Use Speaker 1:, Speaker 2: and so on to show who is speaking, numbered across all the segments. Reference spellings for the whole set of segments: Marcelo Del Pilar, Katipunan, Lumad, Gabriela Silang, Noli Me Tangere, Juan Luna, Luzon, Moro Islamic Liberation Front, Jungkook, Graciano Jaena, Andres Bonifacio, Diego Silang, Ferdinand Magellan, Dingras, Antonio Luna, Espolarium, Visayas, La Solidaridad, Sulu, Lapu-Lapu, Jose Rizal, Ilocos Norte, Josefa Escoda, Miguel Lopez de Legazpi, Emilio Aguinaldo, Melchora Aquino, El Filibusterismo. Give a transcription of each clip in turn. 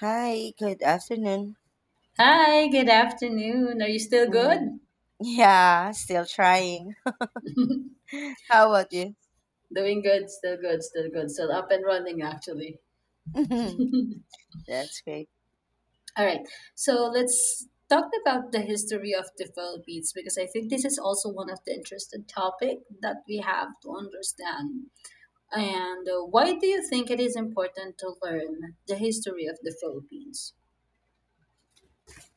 Speaker 1: Hi, good afternoon.
Speaker 2: Hi, good afternoon. Are you still
Speaker 1: Mm,
Speaker 2: good?
Speaker 1: yeah, still trying. How about you?
Speaker 2: Doing good, still good, still good, still up and running actually.
Speaker 1: That's great.
Speaker 2: All right, so let's talk about the history of the Philippines because I think this is also one of the interesting topic that we have to understand. And why do you think it is important to learn the history of the Philippines?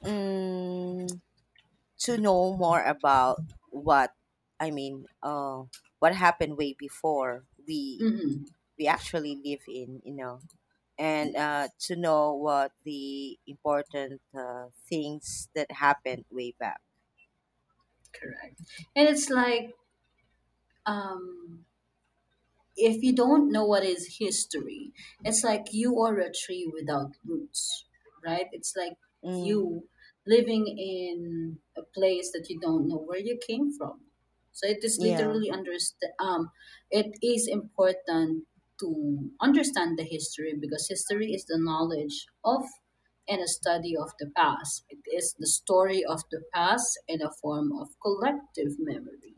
Speaker 1: Mm, to know more about what I mean, uh, what happened way before we
Speaker 2: Mm-hmm.
Speaker 1: we actually live in, and
Speaker 2: Yeah,
Speaker 1: uh, to know what the important things that happened way back.
Speaker 2: correct. And it's like, um, if you don't know what is history, it's like you are a tree without roots, right? It's like
Speaker 1: Mm,
Speaker 2: you living in a place that you don't know where you came from. So it is
Speaker 1: yeah.
Speaker 2: literally understand. It is important to understand the history because history is the knowledge of and a study of the past. It is the story of the past in a form of collective memory.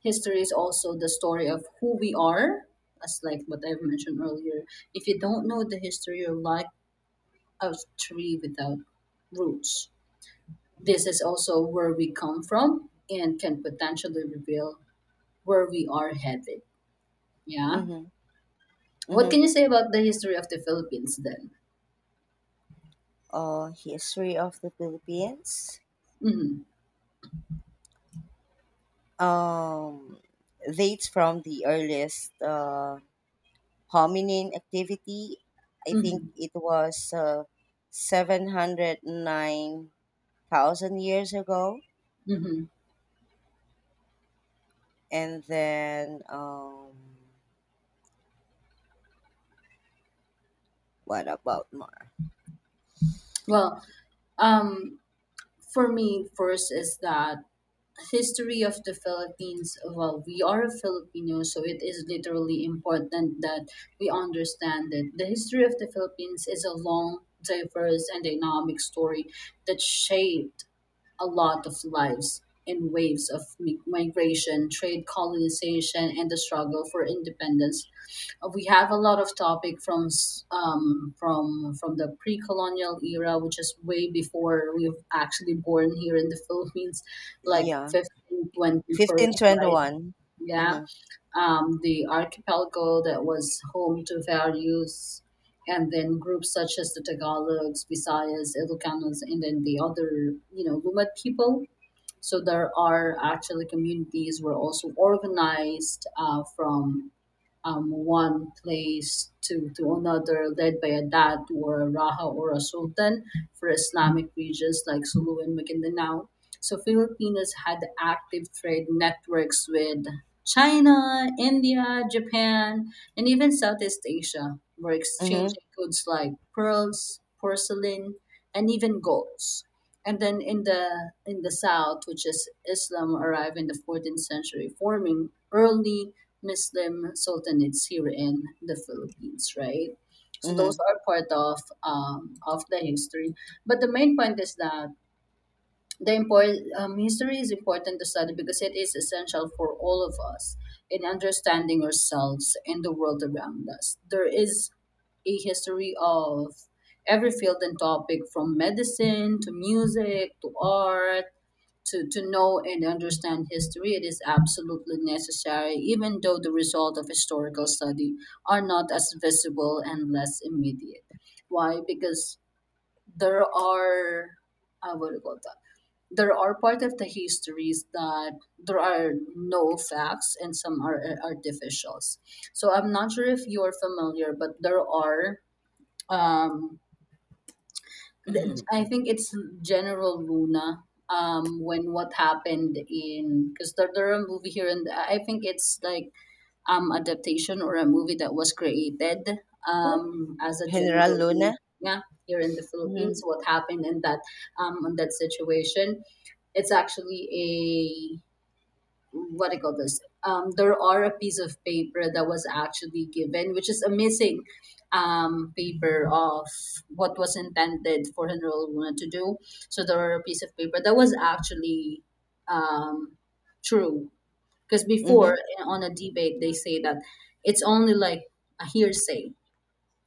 Speaker 2: History is also the story of who we are, as like what I've mentioned earlier. If you don't know the history, you're like a tree without roots. This is also where we come from and can potentially reveal where we are headed. Yeah.
Speaker 1: Mm-hmm.
Speaker 2: What
Speaker 1: Mm-hmm.
Speaker 2: can you say about the history of the Philippines then?
Speaker 1: History of the Philippines.
Speaker 2: hmm
Speaker 1: um, Dates from the earliest hominin activity. I think
Speaker 2: hmm
Speaker 1: it was 709,000 years ago.
Speaker 2: hmm
Speaker 1: And then, what about more?
Speaker 2: well, um for me first is that history of the Philippines. Well, we are a Filipino, so it is literally important that we understand that the history of the Philippines is a long, diverse, and dynamic story that shaped a lot of lives in waves of migration, trade, colonization, and the struggle for independence. We have a lot of topic from from the pre-colonial era, which is way before we've actually born here in the Philippines, like
Speaker 1: Yeah,
Speaker 2: 15 21st, right?
Speaker 1: 1521.
Speaker 2: Yeah,
Speaker 1: Mm-hmm.
Speaker 2: the archipelago that was home to values, and then groups such as the Tagalogs, Visayas, Ilocanos, and then the other, you know, Lumad people. So there are actually communities were also organized from one place to another, led by a dat or a raja or a sultan for Islamic regions like Sulu and Maguindanao. So Filipinos had active trade networks with China, India, Japan, and even Southeast Asia were
Speaker 1: Mm-hmm.
Speaker 2: exchanging goods like pearls, porcelain, and even golds. And then in the south, which is Islam, arrived in the 14th century, forming early Muslim sultanates here in the Philippines, right? So those
Speaker 1: Mm-hmm.
Speaker 2: are part of the history. But the main point is that history is important to study because it is essential for all of us in understanding ourselves and the world around us. There is a history of every field and topic from medicine to music to art. To know and understand history, it is absolutely necessary, even though the result of historical study are not as visible and less immediate. Why? Because there are, what do you call that? There are part of the histories that there are no facts and some are artificials. So I'm not sure if you are familiar, but there are um, the- I think it's General Luna. When what happened in, because there are a movie here and I think it's like adaptation or a movie that was created as a
Speaker 1: General
Speaker 2: General Luna.
Speaker 1: Luna.
Speaker 2: Yeah, here in the
Speaker 1: Mm-hmm.
Speaker 2: Philippines, what happened in that situation? It's actually, what do you call this? There are a piece of paper that was actually given, which is a missing paper of what was intended for General Luna to do. So there are a piece of paper that was actually um, true. Because before
Speaker 1: Mm-hmm.
Speaker 2: on a debate, they say that it's only like a hearsay,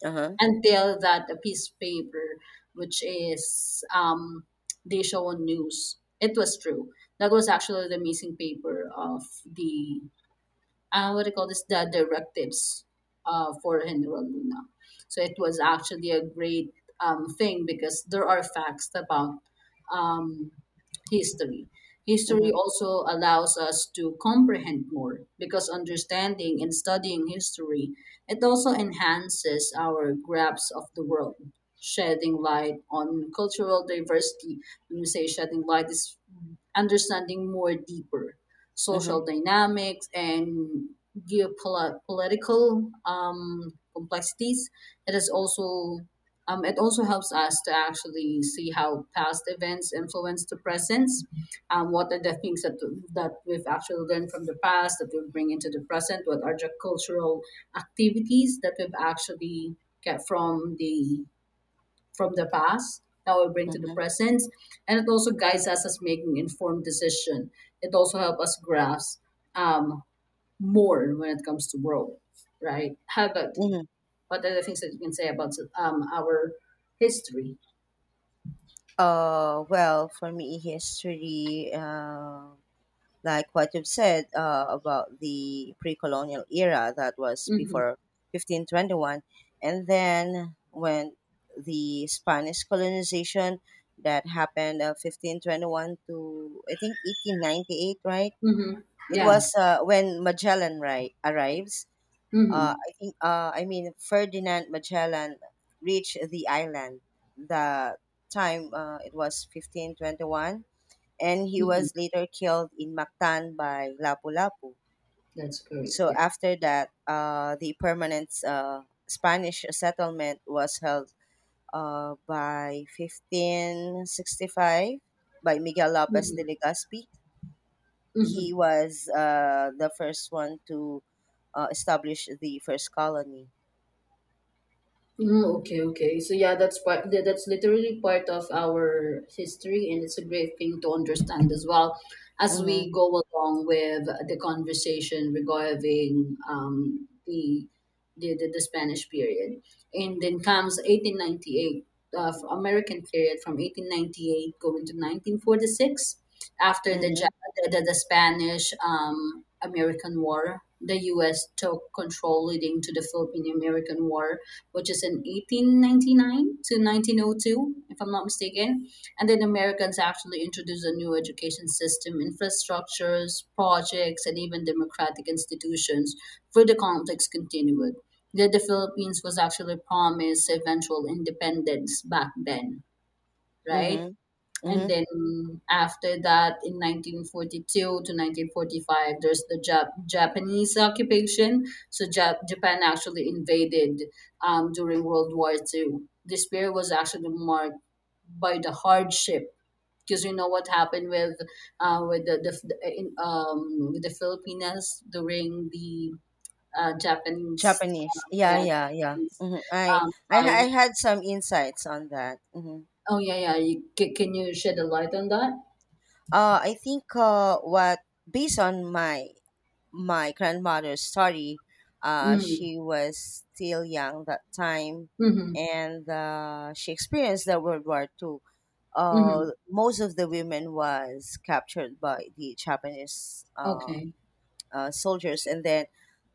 Speaker 1: Uh-huh.
Speaker 2: until that a piece of paper, which is they show on news, it was true that was actually the missing paper of the what do you call this, the directives for General Luna. So it was actually a great thing because there are facts about um, history.
Speaker 1: Mm-hmm.
Speaker 2: History also allows us to comprehend more because understanding and studying history, it also enhances our grasp of the world, shedding light on cultural diversity. When we say shedding light, is understanding more deeper
Speaker 1: Mm-hmm.
Speaker 2: social dynamics and geopolitical complexities. It is also it also helps us to actually see how past events influence the present. What are the things that we've actually learned from the past that we bring into the present? What are the cultural activities that we've actually get from the past that we bring to the
Speaker 1: Mm-hmm.
Speaker 2: present? And it also guides us as making informed decision. It also helps us grasp, um, more when it comes to world, right? How about you?
Speaker 1: Mm-hmm.
Speaker 2: What are the things that you can say about our history?
Speaker 1: Well, for me, history. Like what you've said about the pre-colonial era that was
Speaker 2: Mm-hmm,
Speaker 1: before 1521, and then when the Spanish colonization that happened 1521 to, I think, 1898, right?
Speaker 2: mm-hmm.
Speaker 1: It
Speaker 2: Yeah.
Speaker 1: was when Magellan, right, arrives.
Speaker 2: Mm-hmm,
Speaker 1: I think I mean Ferdinand Magellan reached the time. It was 1521, and he
Speaker 2: mm-hmm.
Speaker 1: was later killed in Mactan by Lapu-Lapu.
Speaker 2: That's great,
Speaker 1: So
Speaker 2: yeah.
Speaker 1: after that, the permanent Spanish settlement was held by 1565 by Miguel Lopez de
Speaker 2: Mm-hmm,
Speaker 1: Legazpi.
Speaker 2: mm-hmm.
Speaker 1: He was the first one to establish the first colony.
Speaker 2: Mm, okay, okay. So yeah, that's part. That's literally part of our history, and it's a great thing to understand as well as we
Speaker 1: Mm-hmm.
Speaker 2: go along with the conversation regarding the Spanish period, and then comes 1898 of American period from 1898 going to 1946, after the
Speaker 1: Mm-hmm.
Speaker 2: the Spanish American War. The U.S. took control leading to the Philippine American War, which is in 1899 to 1902, if I'm not mistaken. And then Americans actually introduced a new education system, infrastructures, projects, and even democratic institutions where the conflicts continued. That the Philippines was actually promised eventual independence back then, right?
Speaker 1: Mm-hmm.
Speaker 2: And
Speaker 1: Mm-hmm.
Speaker 2: then after that, in 1942 to 1945, there's the Japanese occupation. So Japan actually invaded during World War Two. This period was actually marked by the hardship because you know what happened with with the Filipinas during the Japanese
Speaker 1: Japanese. Yeah,
Speaker 2: yeah the
Speaker 1: yeah, yeah.
Speaker 2: Japanese
Speaker 1: Mm-hmm. I,
Speaker 2: um,
Speaker 1: I I
Speaker 2: time.
Speaker 1: had some insights on that. Mm-hmm.
Speaker 2: Oh yeah, yeah. You, can you shed a light on that?
Speaker 1: I think what Based on my grandmother's story,
Speaker 2: Mm.
Speaker 1: she was still young that time,
Speaker 2: Mm-hmm.
Speaker 1: and she experienced the World War Two.
Speaker 2: Mm-hmm.
Speaker 1: Most of the women was captured by the Japanese
Speaker 2: Okay.
Speaker 1: soldiers, and then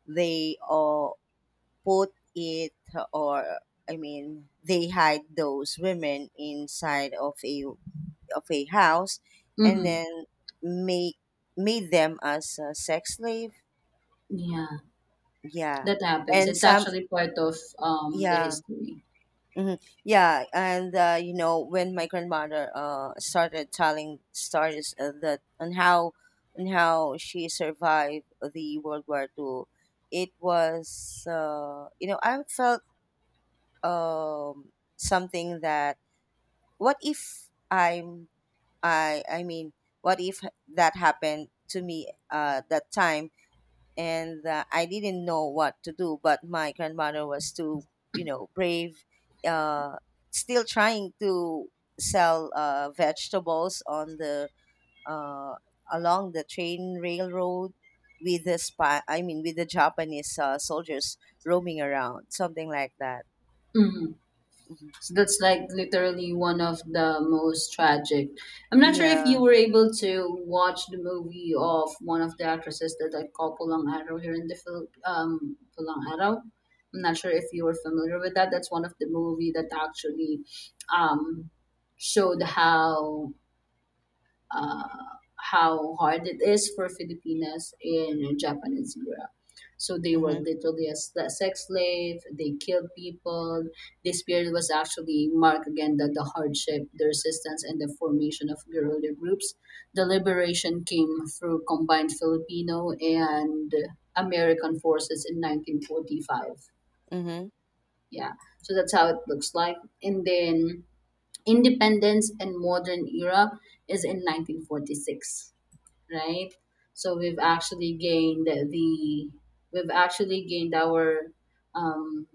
Speaker 1: they put it, or they hide those women inside of a house, and
Speaker 2: Mm-hmm.
Speaker 1: then make made them as a sex slave.
Speaker 2: Yeah,
Speaker 1: Yeah.
Speaker 2: that happens.
Speaker 1: And
Speaker 2: It's
Speaker 1: some
Speaker 2: actually part of the
Speaker 1: yeah.
Speaker 2: history.
Speaker 1: Mhm. Yeah, and you know, when my grandmother started telling stories that on how she survived the World War Two, it was, I felt um something that, what if I'm I mean, what if that happened to me that time? And I didn't know what to do, but my grandmother was too, you know, brave. Uh, Still trying to sell vegetables on the uh, along the train railroad with the spy. I mean, with the Japanese soldiers roaming around, something like that.
Speaker 2: Mm-hmm.
Speaker 1: Mhm.
Speaker 2: So that's like literally one of the most tragic. I'm not sure if
Speaker 1: Yeah.
Speaker 2: you were able to watch the movie of one of the actresses that I call Pulang Araw here in the Phil Pulang Araw. I'm not sure if you were familiar with that. That's one of the movie that actually um showed uh, how hard it is for Filipinas in Japanese era. So they were
Speaker 1: Mm-hmm.
Speaker 2: literally a sex slave. They killed people. This period was actually marked again that the hardship, the resistance, and the formation of guerrilla groups. The liberation came through combined Filipino and American forces in 1945.
Speaker 1: Mm-hmm.
Speaker 2: Yeah, so that's how it looks like. And then independence and modern era is in 1946, right? So we've actually gained our um,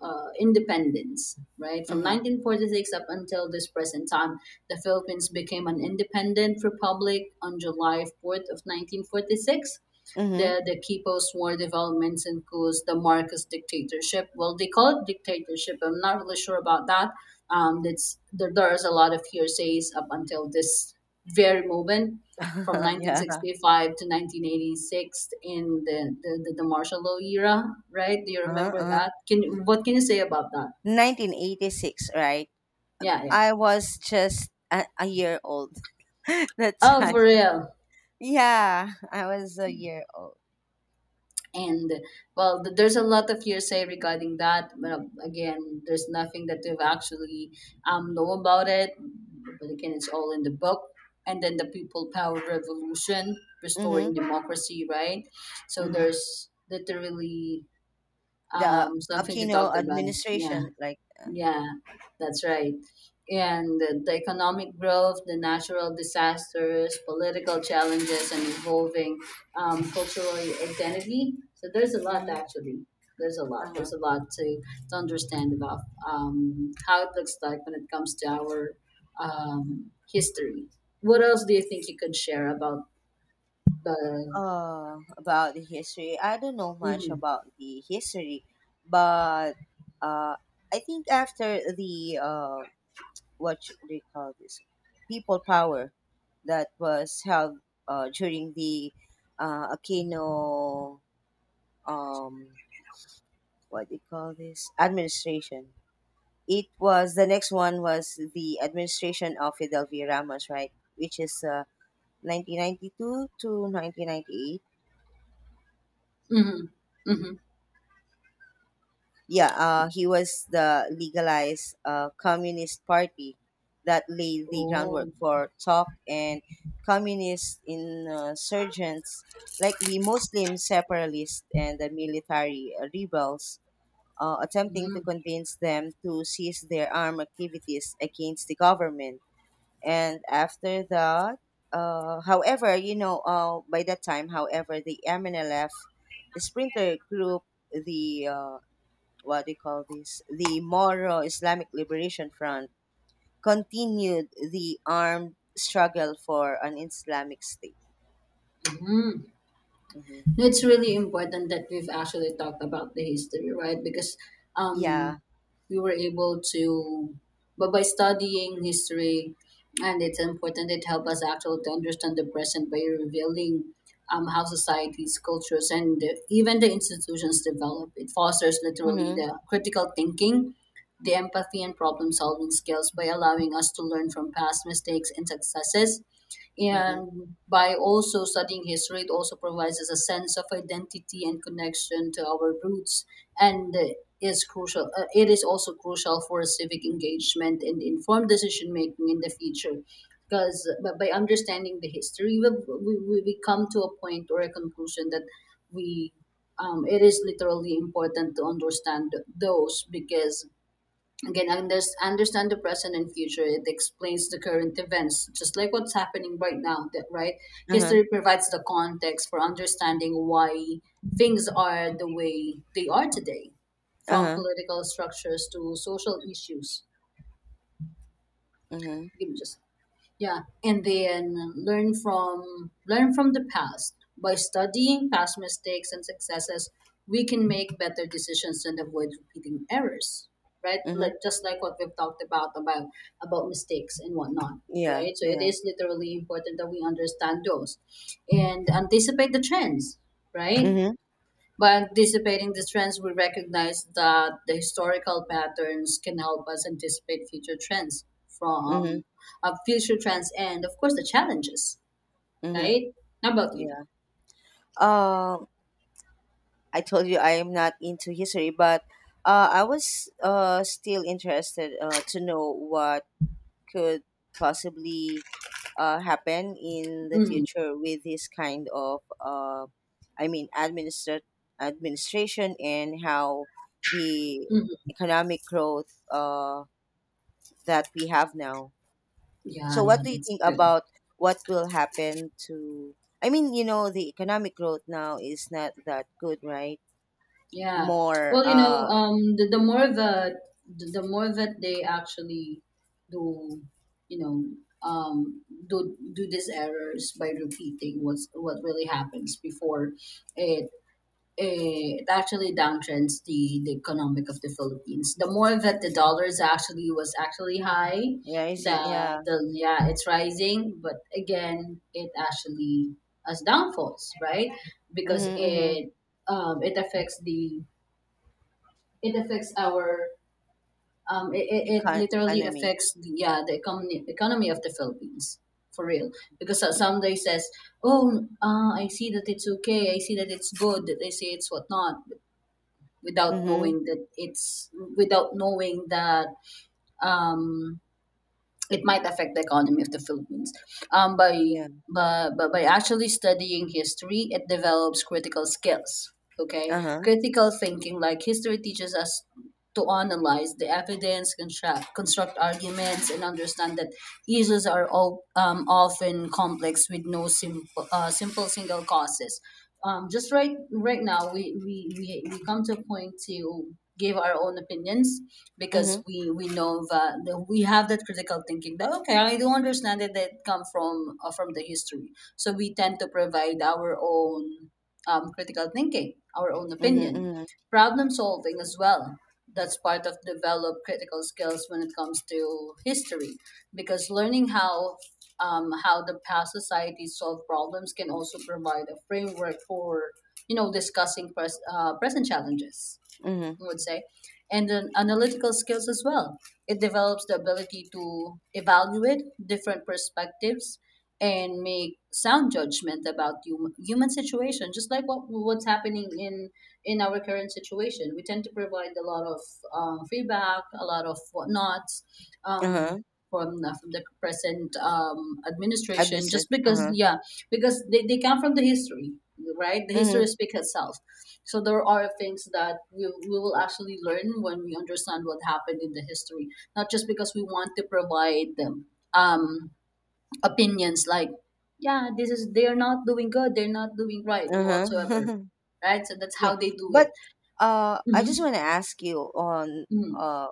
Speaker 2: independence, right? From
Speaker 1: Mm-hmm.
Speaker 2: 1946 up until this present time, the Philippines became an independent republic on July 4th of 1946.
Speaker 1: Mm-hmm.
Speaker 2: The Quipos War developments includes the Marcos dictatorship. Well, they call it dictatorship. I'm not really sure about that. That's there's a lot of hearsays up until this very moment, from
Speaker 1: yeah.
Speaker 2: 1965 to 1986 in the martial law era, right? Do you
Speaker 1: Uh-huh.
Speaker 2: remember
Speaker 1: Uh-huh.
Speaker 2: that? Can, what can you say about that?
Speaker 1: 1986, right?
Speaker 2: Yeah, yeah.
Speaker 1: I was just a year old that
Speaker 2: Oh, for
Speaker 1: time.
Speaker 2: real.
Speaker 1: Yeah, I was a year old.
Speaker 2: And well, there's a lot of hearsay regarding that, but again, there's nothing that we've actually know about it. But again, it's all in the book. And then the people power revolution, restoring
Speaker 1: Mm-hmm.
Speaker 2: democracy, right? So
Speaker 1: Mm-hmm.
Speaker 2: there's literally
Speaker 1: The
Speaker 2: something to talk
Speaker 1: Aquino
Speaker 2: about. Yeah.
Speaker 1: administration, like, yeah.
Speaker 2: Yeah, that's right. And the economic growth, the natural disasters, political challenges, and evolving cultural identity. So there's a lot
Speaker 1: Mm-hmm.
Speaker 2: actually. There's a lot.
Speaker 1: Uh-huh.
Speaker 2: There's a lot to understand about how it looks like when it comes to our history. What else do you think you could share about the?
Speaker 1: About the history, I don't know much
Speaker 2: Mm-hmm,
Speaker 1: about the history, but uh, I think after the what should they call this, people power, that was held during the Aquino, um, what do you call this, administration. It was the next one was the administration of Fidel V. Ramos, right? Which is 1992 to 1998.
Speaker 2: mm-hmm, mm-hmm.
Speaker 1: Yeah, he was the legalized Communist Party that laid the groundwork
Speaker 2: Oh,
Speaker 1: for talk, and communist insurgents like the Muslim separatists and the military rebels, attempting
Speaker 2: mm-hmm.
Speaker 1: to convince them to cease their armed activities against the government. And after that, however, you know, by that time, however, the MNLF sprinter group, the what do you call this? The Moro Islamic Liberation Front continued the armed struggle for an Islamic state. Hmm.
Speaker 2: It's really important that we've actually talked about the history, right? Because
Speaker 1: Yeah.
Speaker 2: um, we were able to, but by studying history, and it's important, it helped us actually to understand the present by revealing how societies, cultures, and even the institutions develop. It fosters literally
Speaker 1: Mm-hmm.
Speaker 2: the critical thinking, the empathy, and problem solving skills by allowing us to learn from past mistakes and successes.
Speaker 1: Mm-hmm.
Speaker 2: And by also studying history, it also provides us a sense of identity and connection to our roots, and is crucial it is also crucial for civic engagement and informed decision making in the future. Because but by understanding the history, we come to a point or a conclusion that we it is literally important to understand those because, again, understand the present and future. It explains the current events, just like what's happening right now, that, right?
Speaker 1: Uh-huh.
Speaker 2: History provides the context for understanding why things are the way they are today, from
Speaker 1: Uh-huh.
Speaker 2: political structures to social issues.
Speaker 1: Mm-hmm.
Speaker 2: Give me just yeah, and then learn from the past. By studying past mistakes and successes, we can make better decisions and avoid repeating errors. Right?
Speaker 1: Mm-hmm.
Speaker 2: Like just like what we've talked about mistakes and whatnot.
Speaker 1: Yeah.
Speaker 2: Right? So it
Speaker 1: Yeah.
Speaker 2: is literally important that we understand those and anticipate the trends. Right?
Speaker 1: Mm-hmm.
Speaker 2: By anticipating the trends, we recognize that the historical patterns can help us anticipate
Speaker 1: Mm-hmm.
Speaker 2: future trends and, of course, the challenges,
Speaker 1: Mm-hmm.
Speaker 2: right? How about you?
Speaker 1: Yeah. Um, I told you I am not into history, but I was still interested to know what could possibly happen in the
Speaker 2: hmm
Speaker 1: future with this kind of, I mean, administrat administration, and how the
Speaker 2: hmm
Speaker 1: economic growth that we have now. So,
Speaker 2: Yeah, yeah,
Speaker 1: what do you
Speaker 2: that's
Speaker 1: think
Speaker 2: good.
Speaker 1: about what will happen to? I mean, you know, the economic growth now is not that good, right?
Speaker 2: Yeah.
Speaker 1: More
Speaker 2: Well, the more that the more that they actually do, you know, do these errors by repeating what really happens before it it actually downtrends the economic of the Philippines. The more that the dollars actually was actually high,
Speaker 1: Rising, yeah.
Speaker 2: the yeah, it's rising, but again it actually has downfalls, right? Because
Speaker 1: Mm-hmm, mm-hmm.
Speaker 2: it affects the it affects our it
Speaker 1: Econ-
Speaker 2: literally
Speaker 1: economy.
Speaker 2: affects yeah, the economy of the Philippines for real, because somebody says, oh, I see that it's okay, I see that it's good that they say it's whatnot, without
Speaker 1: Mm-hmm.
Speaker 2: knowing that it's, without knowing that um, it might affect the economy of the Philippines. Um, by,
Speaker 1: Yeah.
Speaker 2: by actually studying history, it develops critical skills. Okay,
Speaker 1: Uh-huh.
Speaker 2: critical thinking, like history, teaches us to analyze the evidence, construct arguments, and understand that issues are all, often complex with no simple single causes. Just right now, we come to a point to give our own opinions, because
Speaker 1: Mm-hmm.
Speaker 2: we know that we have that critical thinking that, okay, I do understand that that come from the history, so we tend to provide our own, critical thinking, our own
Speaker 1: Mm-hmm.
Speaker 2: opinion.
Speaker 1: Mm-hmm.
Speaker 2: Problem solving as well. That's part of develop critical skills when it comes to history, because learning how the past societies solve problems can also provide a framework for, discussing present challenges,
Speaker 1: Mhm.
Speaker 2: I would say. And then analytical skills as well. It develops the ability to evaluate different perspectives and make sound judgment about human situation, just like what's happening in our current situation. We tend to provide a lot of, feedback, a lot of whatnots.
Speaker 1: Uh-huh.
Speaker 2: Um, from the present, administration,
Speaker 1: Admissi
Speaker 2: just because,
Speaker 1: Uh-huh.
Speaker 2: yeah, because they come from the history, right? The history
Speaker 1: Mhm.
Speaker 2: speaks itself. So there are things that we will actually learn when we understand what happened in the history, not just because we want to provide them, um, opinions like, yeah, this is they are not doing good, they're not doing right, and whatsoever,
Speaker 1: Uh-huh.
Speaker 2: right? So that's how
Speaker 1: Yeah.
Speaker 2: they do
Speaker 1: But
Speaker 2: it.
Speaker 1: I just
Speaker 2: hmm
Speaker 1: want to ask you
Speaker 2: hmm
Speaker 1: uh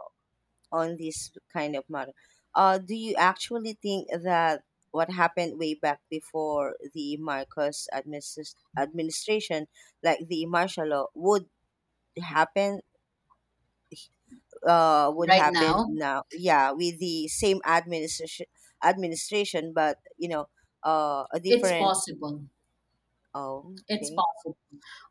Speaker 1: on this kind of matter. Do you actually think that what happened way back before the Marcos administration, like the martial law, happen would
Speaker 2: Right
Speaker 1: happen
Speaker 2: now,
Speaker 1: now, yeah, with the same administration, but, you know, a
Speaker 2: it's
Speaker 1: different?
Speaker 2: possible.
Speaker 1: Oh,
Speaker 2: It's
Speaker 1: okay.
Speaker 2: possible.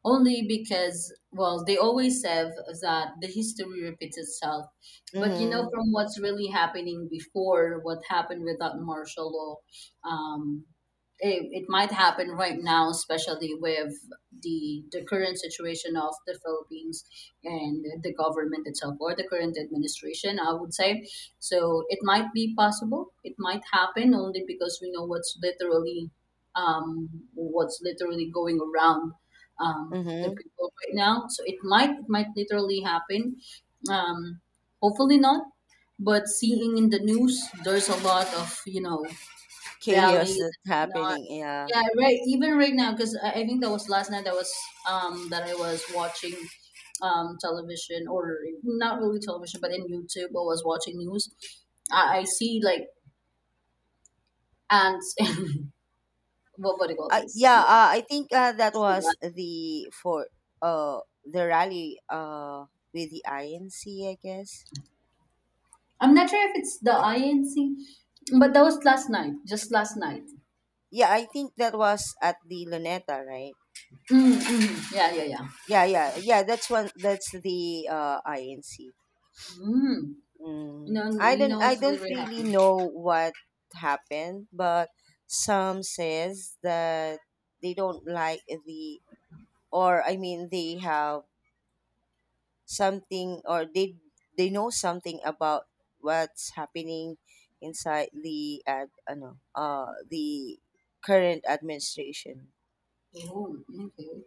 Speaker 2: Only because, well, they always say that the history repeats itself. But
Speaker 1: Mm-hmm.
Speaker 2: from what's really happening before, what happened without martial law, it might happen right now, especially with the current situation of the Philippines and the government itself, or the current administration, I would say. So it might be possible. It might happen only because we know what's literally going around, the
Speaker 1: Mm-hmm.
Speaker 2: people right now. So it might literally happen. Um, hopefully not. But seeing in the news, there's a lot of,
Speaker 1: Chaos
Speaker 2: rallies
Speaker 1: that's
Speaker 2: and whatnot.
Speaker 1: happening. Yeah.
Speaker 2: Yeah, right. Even right now, because I think that was last night. That was, that I was watching, television, or not really television, but in YouTube, I was watching news. I see like ants and what do you call this?
Speaker 1: Yeah. I think that was the for the rally with the INC, I guess.
Speaker 2: I'm not sure if it's the INC, but that was last night, just last night.
Speaker 1: Yeah, I think that was at the Luneta, right?
Speaker 2: Mm, mm, yeah, yeah, yeah.
Speaker 1: Yeah, yeah, yeah. That's one. That's the INC.
Speaker 2: Mm. You
Speaker 1: Mm.
Speaker 2: know, you know
Speaker 1: I
Speaker 2: what's
Speaker 1: don't
Speaker 2: really
Speaker 1: really
Speaker 2: happy.
Speaker 1: know what happened, but some says that they don't like the, or they have something, or they know something about what's happening inside the ad, ano, the current administration.
Speaker 2: Oh, okay.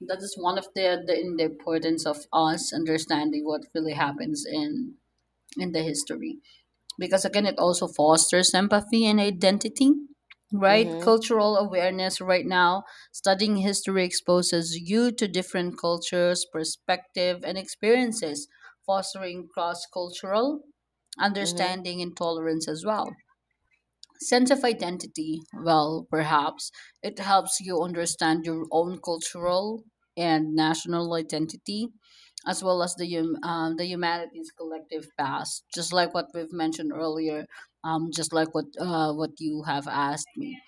Speaker 2: That is one of the in the importance of us understanding what really happens in the history. Because again it also fosters empathy and identity, right?
Speaker 1: Mhm.
Speaker 2: Cultural awareness right now. Studying history exposes you to different cultures perspective and experiences, fostering cross-cultural
Speaker 1: Mhm.
Speaker 2: understanding and tolerance as well. Sense of identity, well, perhaps it helps you understand your own cultural and national identity, as well as the humanity's collective past. Just like what we've mentioned earlier, just like what you have asked me,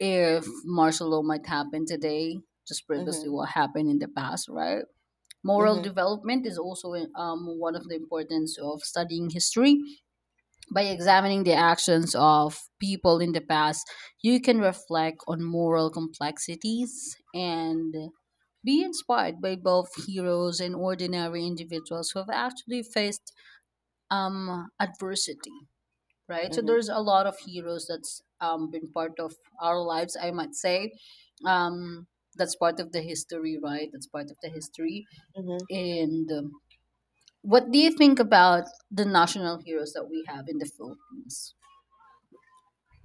Speaker 2: if martial law might happen today, just previously
Speaker 1: Mhm.
Speaker 2: what happened in the past, right? Moral
Speaker 1: Mhm.
Speaker 2: development is also, one of the importance of studying history. By examining the actions of people in the past, you can reflect on moral complexities and be inspired by both heroes and ordinary individuals who have actually faced, adversity, right? So
Speaker 1: Mhm.
Speaker 2: there's a lot of heroes that's, been part of our lives, I might say. Um, that's part of the history, right? That's part of the history.
Speaker 1: Mhm.
Speaker 2: And, what do you think about the national heroes that we have in the Philippines?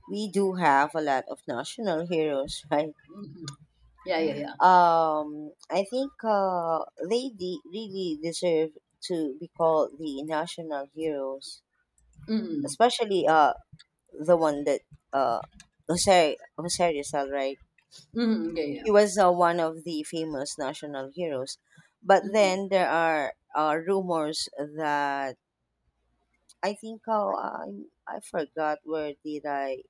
Speaker 1: We do have a lot of national heroes, right?
Speaker 2: Mhm. Yeah, yeah, yeah.
Speaker 1: I think really deserve to be called the national heroes,
Speaker 2: Mm,
Speaker 1: especially the one that uh Jose Rizal, right?
Speaker 2: mm, yeah, yeah.
Speaker 1: He was one of the famous national heroes. But
Speaker 2: Mm,
Speaker 1: then there are rumors that, I think, oh, I forgot where did I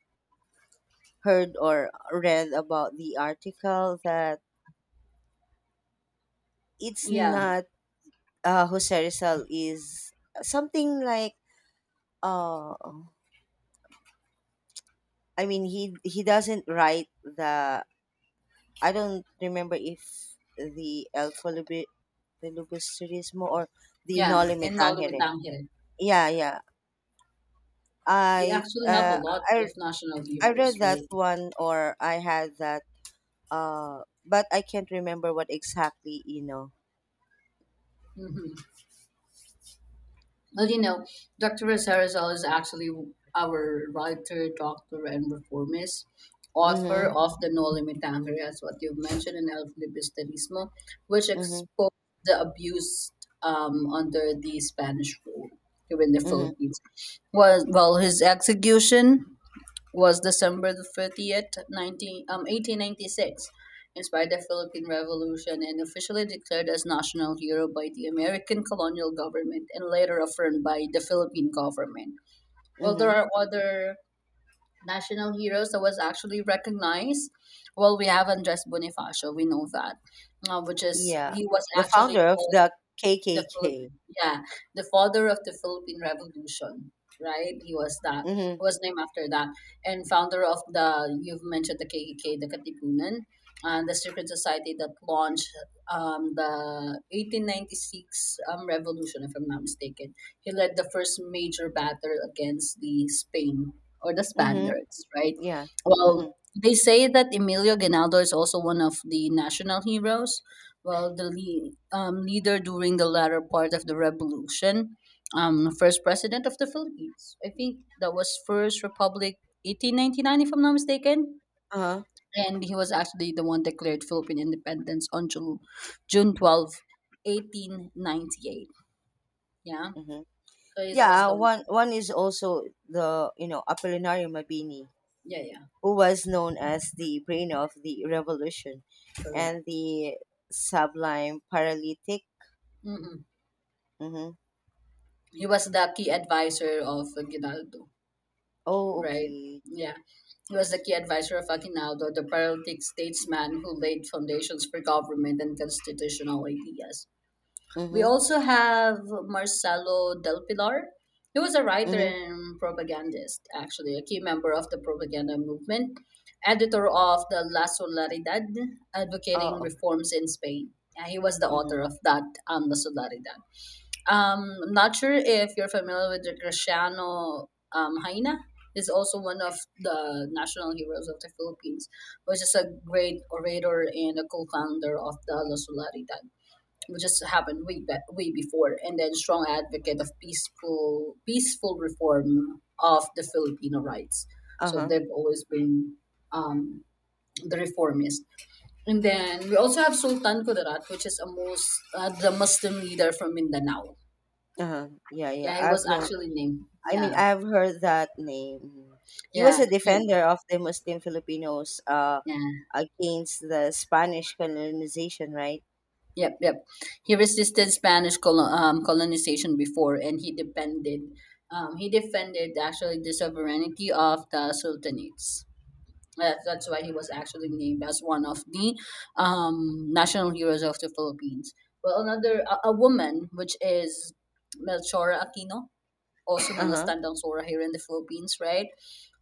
Speaker 1: heard or read about the article that, it's
Speaker 2: yeah,
Speaker 1: not Jose Rizal is something like uh he doesn't write the, I don't remember if the El Folubi- Filibusterismo or the
Speaker 2: yeah.
Speaker 1: Noli Me
Speaker 2: And Nolumi
Speaker 1: Tangere.
Speaker 2: Tanhere.
Speaker 1: Yeah, yeah,
Speaker 2: We
Speaker 1: I
Speaker 2: actually have a
Speaker 1: uh,
Speaker 2: lot
Speaker 1: I
Speaker 2: of national
Speaker 1: I
Speaker 2: heroes,
Speaker 1: read that
Speaker 2: right?
Speaker 1: one, or I had that, but I can't remember what exactly, you know.
Speaker 2: hmm Well, Dr. Rosarizal is actually our writer, doctor, and reformist, author
Speaker 1: Mhm.
Speaker 2: of the No Limit Tanhere, as what you've mentioned, in El Filibusterismo, which
Speaker 1: Mhm.
Speaker 2: exposed the abuse, under the Spanish rule here in the
Speaker 1: Mhm.
Speaker 2: Philippines. Was, well, his execution was December the 30th, 1896, inspired the Philippine Revolution and officially declared as national hero by the American colonial government and later affirmed by the Philippine government. Well, there
Speaker 1: Mhm.
Speaker 2: are other national heroes that was actually recognized. Well, we have Andres Bonifacio, we know that,
Speaker 1: Yeah.
Speaker 2: he was
Speaker 1: The
Speaker 2: actually
Speaker 1: founder of
Speaker 2: called
Speaker 1: the
Speaker 2: the
Speaker 1: KKK.
Speaker 2: Philippine, yeah, the father of the Philippine Revolution, right? He was that he
Speaker 1: Mhm.
Speaker 2: was named after that, and founder of the, you've mentioned, the KKK, the Katipunan, and the secret society that launched, the 1896, revolution, if I'm not mistaken. He led the first major battle against the Spain or the
Speaker 1: Mhm.
Speaker 2: Spaniards, right?
Speaker 1: Yeah. Mhm.
Speaker 2: Well. They say that Emilio Ginaldo is also one of the national heroes. Well, the leader during the latter part of the revolution, first president of the Philippines, I think that was first republic, 1899, if I'm not mistaken.
Speaker 1: Uh-huh.
Speaker 2: And he was actually the one declared Philippine independence on June twelfth, eighteen 1898, yeah,
Speaker 1: Mhm.
Speaker 2: so he was
Speaker 1: Yeah,
Speaker 2: the.
Speaker 1: one is also the, you know, Apolinario Mabini,
Speaker 2: Yeah, yeah,
Speaker 1: who was known as the brain of the revolution and
Speaker 2: correct.
Speaker 1: the sublime paralytic.
Speaker 2: hmm
Speaker 1: Mhm.
Speaker 2: he was the key advisor of Aguinaldo.
Speaker 1: Oh,
Speaker 2: Right.
Speaker 1: okay.
Speaker 2: Yeah. He was the key advisor of Aguinaldo, the paralytic statesman who laid foundations for government and constitutional ideas. We
Speaker 1: Mm-hmm.
Speaker 2: also have Marcelo Del Pilar. He was a writer
Speaker 1: Mm-hmm.
Speaker 2: and propagandist, actually, a key member of the propaganda movement, editor of the La Solidaridad, advocating
Speaker 1: Oh.
Speaker 2: reforms in Spain. Yeah, he was the
Speaker 1: Mm-hmm.
Speaker 2: author of that, La Solidaridad. I'm not sure if you're familiar with the Graciano, hyena. He's also one of the national heroes of the Philippines, which is a great orator and a co-founder of the La Solaridad, which just happened way back, way before, and then strong advocate of peaceful reform of the Filipino rights. So
Speaker 1: Uh-huh.
Speaker 2: they've always been, um, the reformist. And then we also have Sultan Kudarat, which is a most, the Muslim leader from Mindanao.
Speaker 1: Uh-huh. Yeah, yeah.
Speaker 2: Yeah, it
Speaker 1: I've
Speaker 2: was
Speaker 1: known.
Speaker 2: actually named.
Speaker 1: I
Speaker 2: Yeah,
Speaker 1: mean, I've heard that name. Mhm. He was
Speaker 2: yeah,
Speaker 1: a
Speaker 2: he,
Speaker 1: defender of the Muslim Filipinos
Speaker 2: yeah,
Speaker 1: against the Spanish colonization, right?
Speaker 2: yep, yep. He resisted Spanish colonization before, and he defended. He defended actually the sovereignty of the sultanates. That's why he was actually named as one of the, national heroes of the Philippines. Well, another, a woman, which is Melchora Aquino, also known as
Speaker 1: Uh-huh.
Speaker 2: Tandang Sora here in the Philippines, right?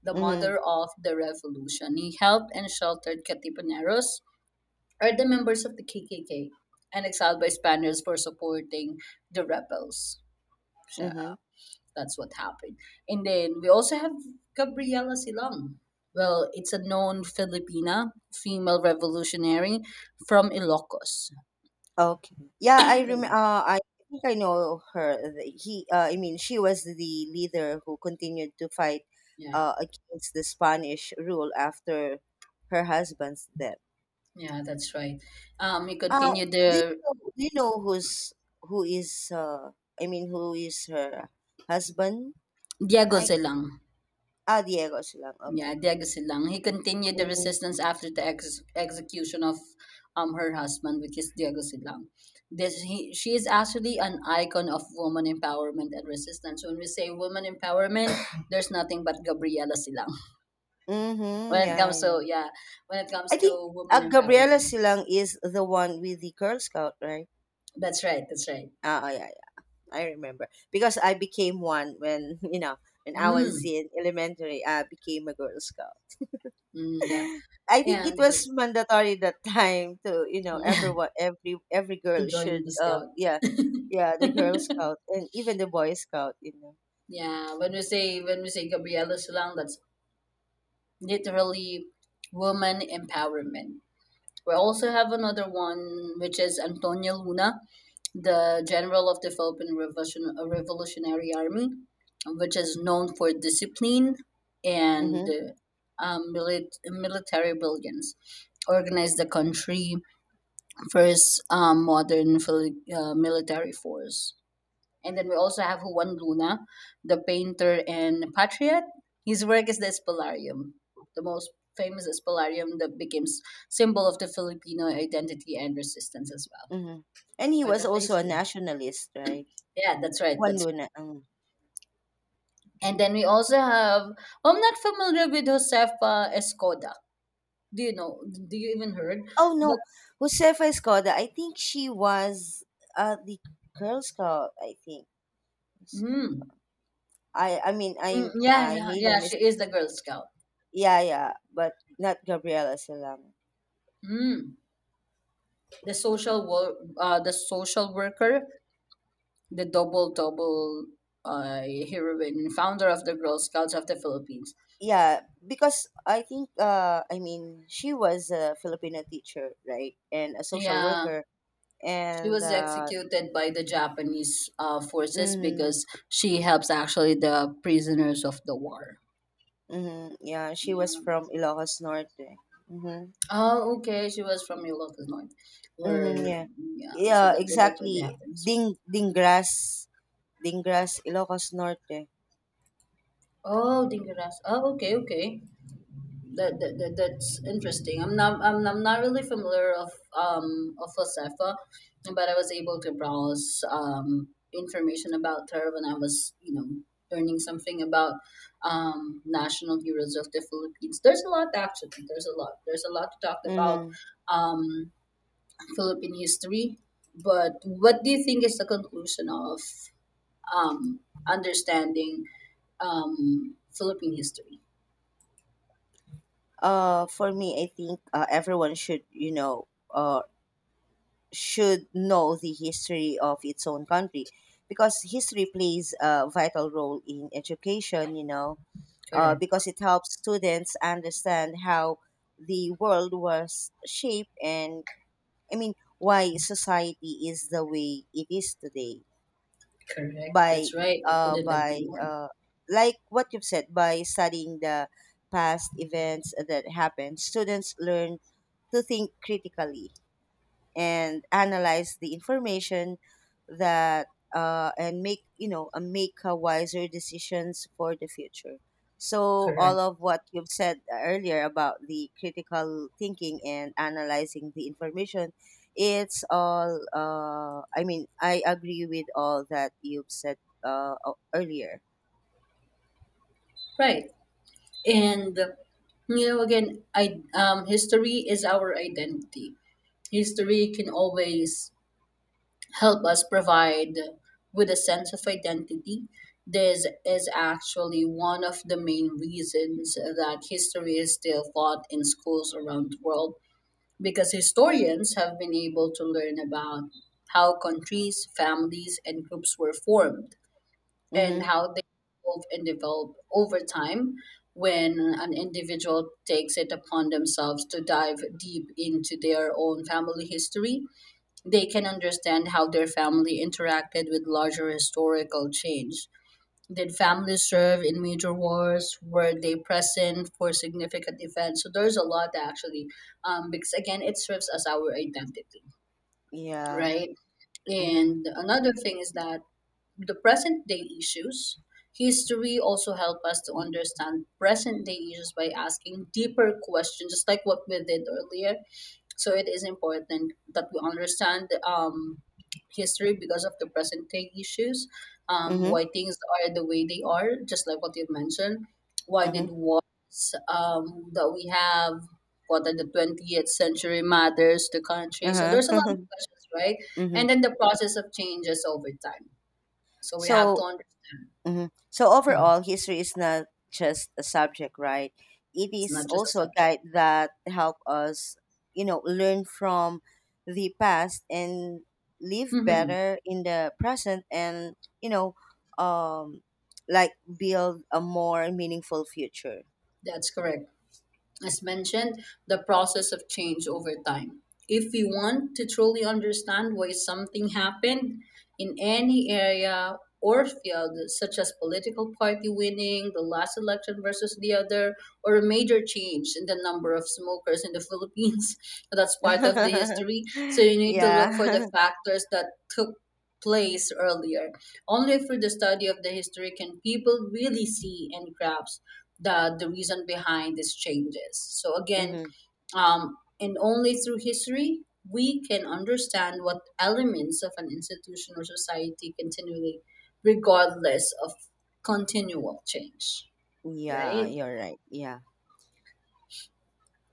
Speaker 2: The
Speaker 1: Mm-hmm.
Speaker 2: mother of the revolution. He helped and sheltered Katipuneros, or the members of the KKK, and exiled by Spaniards for supporting the rebels. So
Speaker 1: Mm-hmm.
Speaker 2: that's what happened. And then we also have Gabriela Silang. Well, it's a known Filipina female revolutionary from Ilocos.
Speaker 1: Okay. Yeah, I think I know her. She was the leader who continued to fight
Speaker 2: Yeah,
Speaker 1: against the Spanish rule after her husband's death.
Speaker 2: yeah, that's right. We
Speaker 1: Uh,
Speaker 2: continue
Speaker 1: do you
Speaker 2: the
Speaker 1: know, do you know who's who is uh who is her husband?
Speaker 2: Diego
Speaker 1: I
Speaker 2: Zelang.
Speaker 1: ah Diego Silang. Okay.
Speaker 2: Yeah, Diego Silang. He continued the
Speaker 1: Mm.
Speaker 2: resistance after the execution of, her husband, which is Diego Silang. This, she is actually an icon of woman empowerment and resistance. When we say woman empowerment, there's nothing but Gabriela Silang.
Speaker 1: Hmm.
Speaker 2: When it
Speaker 1: Yeah,
Speaker 2: comes
Speaker 1: yeah.
Speaker 2: to, yeah, when it comes
Speaker 1: I think
Speaker 2: to woman
Speaker 1: Gabriela
Speaker 2: empowerment,
Speaker 1: Silang is the one with the Girl Scout, right?
Speaker 2: that's right, that's right.
Speaker 1: Ah, ah, yeah, yeah. I remember because I became one when, you know, when I was
Speaker 2: Mm,
Speaker 1: in elementary. I became a Girl Scout.
Speaker 2: mm, yeah,
Speaker 1: I think it
Speaker 2: and
Speaker 1: was mandatory that time to, you know, everyone, every
Speaker 2: to
Speaker 1: girl
Speaker 2: join
Speaker 1: should
Speaker 2: the scout.
Speaker 1: yeah, yeah, the Girl Scout, and even the Boy Scout, you know.
Speaker 2: Yeah, when we say Gabriela Silang, that's literally woman empowerment. We also have another one, which is Antonio Luna, the general of the Philippine Revolution, Revolutionary Army, which is known for discipline and
Speaker 1: Mm-hmm,
Speaker 2: military brilliance. Organized the country first, modern military force. And then we also have Juan Luna, the painter and patriot. His work is the Espolarium, the most famous Espolarium that became symbol of the Filipino identity and resistance as well.
Speaker 1: mm-hmm. And he
Speaker 2: Part
Speaker 1: was
Speaker 2: of the
Speaker 1: also a
Speaker 2: history.
Speaker 1: nationalist, right?
Speaker 2: Yeah, that's right.
Speaker 1: Juan
Speaker 2: That's
Speaker 1: Luna.
Speaker 2: right. And then we also have. I'm not familiar with Josefa Escoda. Do you know? Do you even heard?
Speaker 1: Oh,
Speaker 2: But
Speaker 1: no. Josefa Escoda, I think she was the Girl Scout, I think.
Speaker 2: mm,
Speaker 1: I I mean I
Speaker 2: yeah,
Speaker 1: I
Speaker 2: yeah,
Speaker 1: made a
Speaker 2: yeah,
Speaker 1: mistake,
Speaker 2: she is the Girl Scout.
Speaker 1: yeah, yeah, but not Gabriela Salam.
Speaker 2: Mm, the social work, the social worker the double double uh, heroine, founder of the Girl Scouts of the Philippines.
Speaker 1: Yeah, because I think she was a Filipino teacher, right, and a social
Speaker 2: Yeah,
Speaker 1: worker,
Speaker 2: she
Speaker 1: and
Speaker 2: was
Speaker 1: uh.
Speaker 2: executed by the Japanese forces
Speaker 1: Mm,
Speaker 2: because she helps actually the prisoners of the war.
Speaker 1: mm, yeah, she was
Speaker 2: Yeah.
Speaker 1: from Ilocos Norte. Mm-hmm,
Speaker 2: Oh, okay. She was from Ilocos North,
Speaker 1: mm-hmm,
Speaker 2: where
Speaker 1: yeah,
Speaker 2: yeah. So
Speaker 1: yeah,
Speaker 2: that's
Speaker 1: exactly,
Speaker 2: what happens.
Speaker 1: Dingras, Dingras, Ilocos Norte.
Speaker 2: Oh, Dingaras. Oh, okay, okay. That's interesting. I'm not really familiar of Josefa, but I was able to browse information about her when I was learning something about national heroes of the Philippines. There's a lot actually. There's a lot. There's a lot to talk about
Speaker 1: Mm-hmm.
Speaker 2: um Philippine history. But what do you think is the conclusion of um understanding Philippine history?
Speaker 1: For me, I think, everyone should, you know, uh should know the history of its own country, because history plays a vital role in education, you know,
Speaker 2: Correct.
Speaker 1: because it helps students understand how the world was shaped, and, I mean, why society is the way it is today.
Speaker 2: Correct.
Speaker 1: By
Speaker 2: That's right. I couldn't
Speaker 1: by
Speaker 2: agree more.
Speaker 1: Like what you've said, by studying the past events that happened, students learn to think critically and analyze the information that and make, you know, make wiser decisions for the future. So all
Speaker 2: Correct.
Speaker 1: of what you've said earlier about the critical thinking and analyzing the information, it's all, I agree with all that you've said earlier.
Speaker 2: Right. And I history is our identity. History can always help us provide with a sense of identity. This is actually one of the main reasons that history is still taught in schools around the world because historians have been able to learn about how countries, families, and groups were formed, and
Speaker 1: Mm-hmm.
Speaker 2: how they evolve and develop over time. When an individual takes it upon themselves to dive deep into their own family history, they can understand how their family interacted with larger historical change. Did families serve in major wars? Were they present for significant events? So there's a lot actually, because again it serves as our identity,
Speaker 1: Yeah.
Speaker 2: right?
Speaker 1: Mm-hmm.
Speaker 2: And another thing is that the present day issues. History also help us to understand present day issues by asking deeper questions, just like what we did earlier. So it is important that we understand history because of the present day issues,
Speaker 1: Mm-hmm.
Speaker 2: why things are the way they are, just like what you mentioned. Why
Speaker 1: Mm-hmm.
Speaker 2: did wars that we have, what are the 20th century matters to country? So there's a lot of
Speaker 1: Uh-huh.
Speaker 2: questions, right?
Speaker 1: mm-hmm.
Speaker 2: And then the process of changes over time. So we have to
Speaker 1: So
Speaker 2: understand.
Speaker 1: hmm so
Speaker 2: Mhm.
Speaker 1: overall, history is not just a subject, right? It
Speaker 2: It's
Speaker 1: is
Speaker 2: not just a
Speaker 1: also a
Speaker 2: subject.
Speaker 1: guide that help us, you know, learn from the past and live
Speaker 2: Mhm.
Speaker 1: better in the present, and, you know, um, like build a more meaningful future.
Speaker 2: That's correct. As mentioned, the process of change over time. If we want to truly understand why something happened in any area or field, such as political party winning, the last election versus the other, or a major change in the number of smokers in the Philippines, that's part of the history. So you need to look for the
Speaker 1: yeah.
Speaker 2: factors that took place earlier. Only through the study of the history can people really see and grasp the reason behind these changes. So again,
Speaker 1: hmm
Speaker 2: and only through history we can understand what elements of an institution or society continually, regardless of continual change,
Speaker 1: yeah,
Speaker 2: right?
Speaker 1: you're right. Yeah.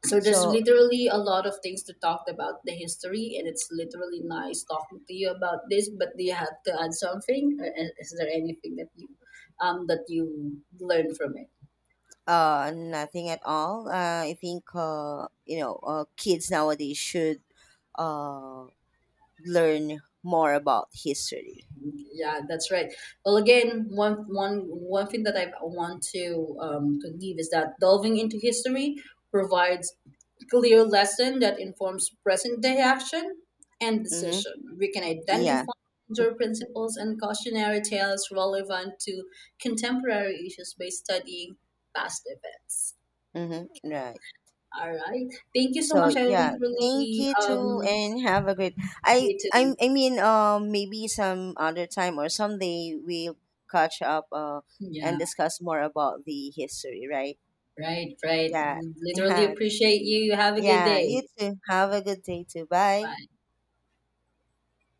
Speaker 2: So there's
Speaker 1: So
Speaker 2: literally a lot of things to talk about the history, and it's literally nice talking to you about this. But do you have to add something, or is there anything that you learned from it?
Speaker 1: Nothing at all. I think, you know, kids nowadays should uh learn more about history.
Speaker 2: Yeah, that's right. Well, again, one thing that I want to leave is that delving into history provides clear lesson that informs present day action and
Speaker 1: Mm-hmm.
Speaker 2: decision. We can
Speaker 1: Yeah.
Speaker 2: identify major principles and cautionary tales relevant to contemporary issues by studying past events.
Speaker 1: Mm-hmm. Right.
Speaker 2: All right. Thank you so
Speaker 1: So
Speaker 2: much. I
Speaker 1: yeah, thank
Speaker 2: literally
Speaker 1: you too, and have a great. I
Speaker 2: you
Speaker 1: I
Speaker 2: too.
Speaker 1: I mean, maybe some other time or someday we'll catch up. And
Speaker 2: Yeah,
Speaker 1: discuss more about the history, right?
Speaker 2: right, right.
Speaker 1: Yeah.
Speaker 2: Literally
Speaker 1: Yeah.
Speaker 2: appreciate you. You Have a good
Speaker 1: Yeah.
Speaker 2: day.
Speaker 1: You too. Have a good day too. Bye.
Speaker 2: Bye.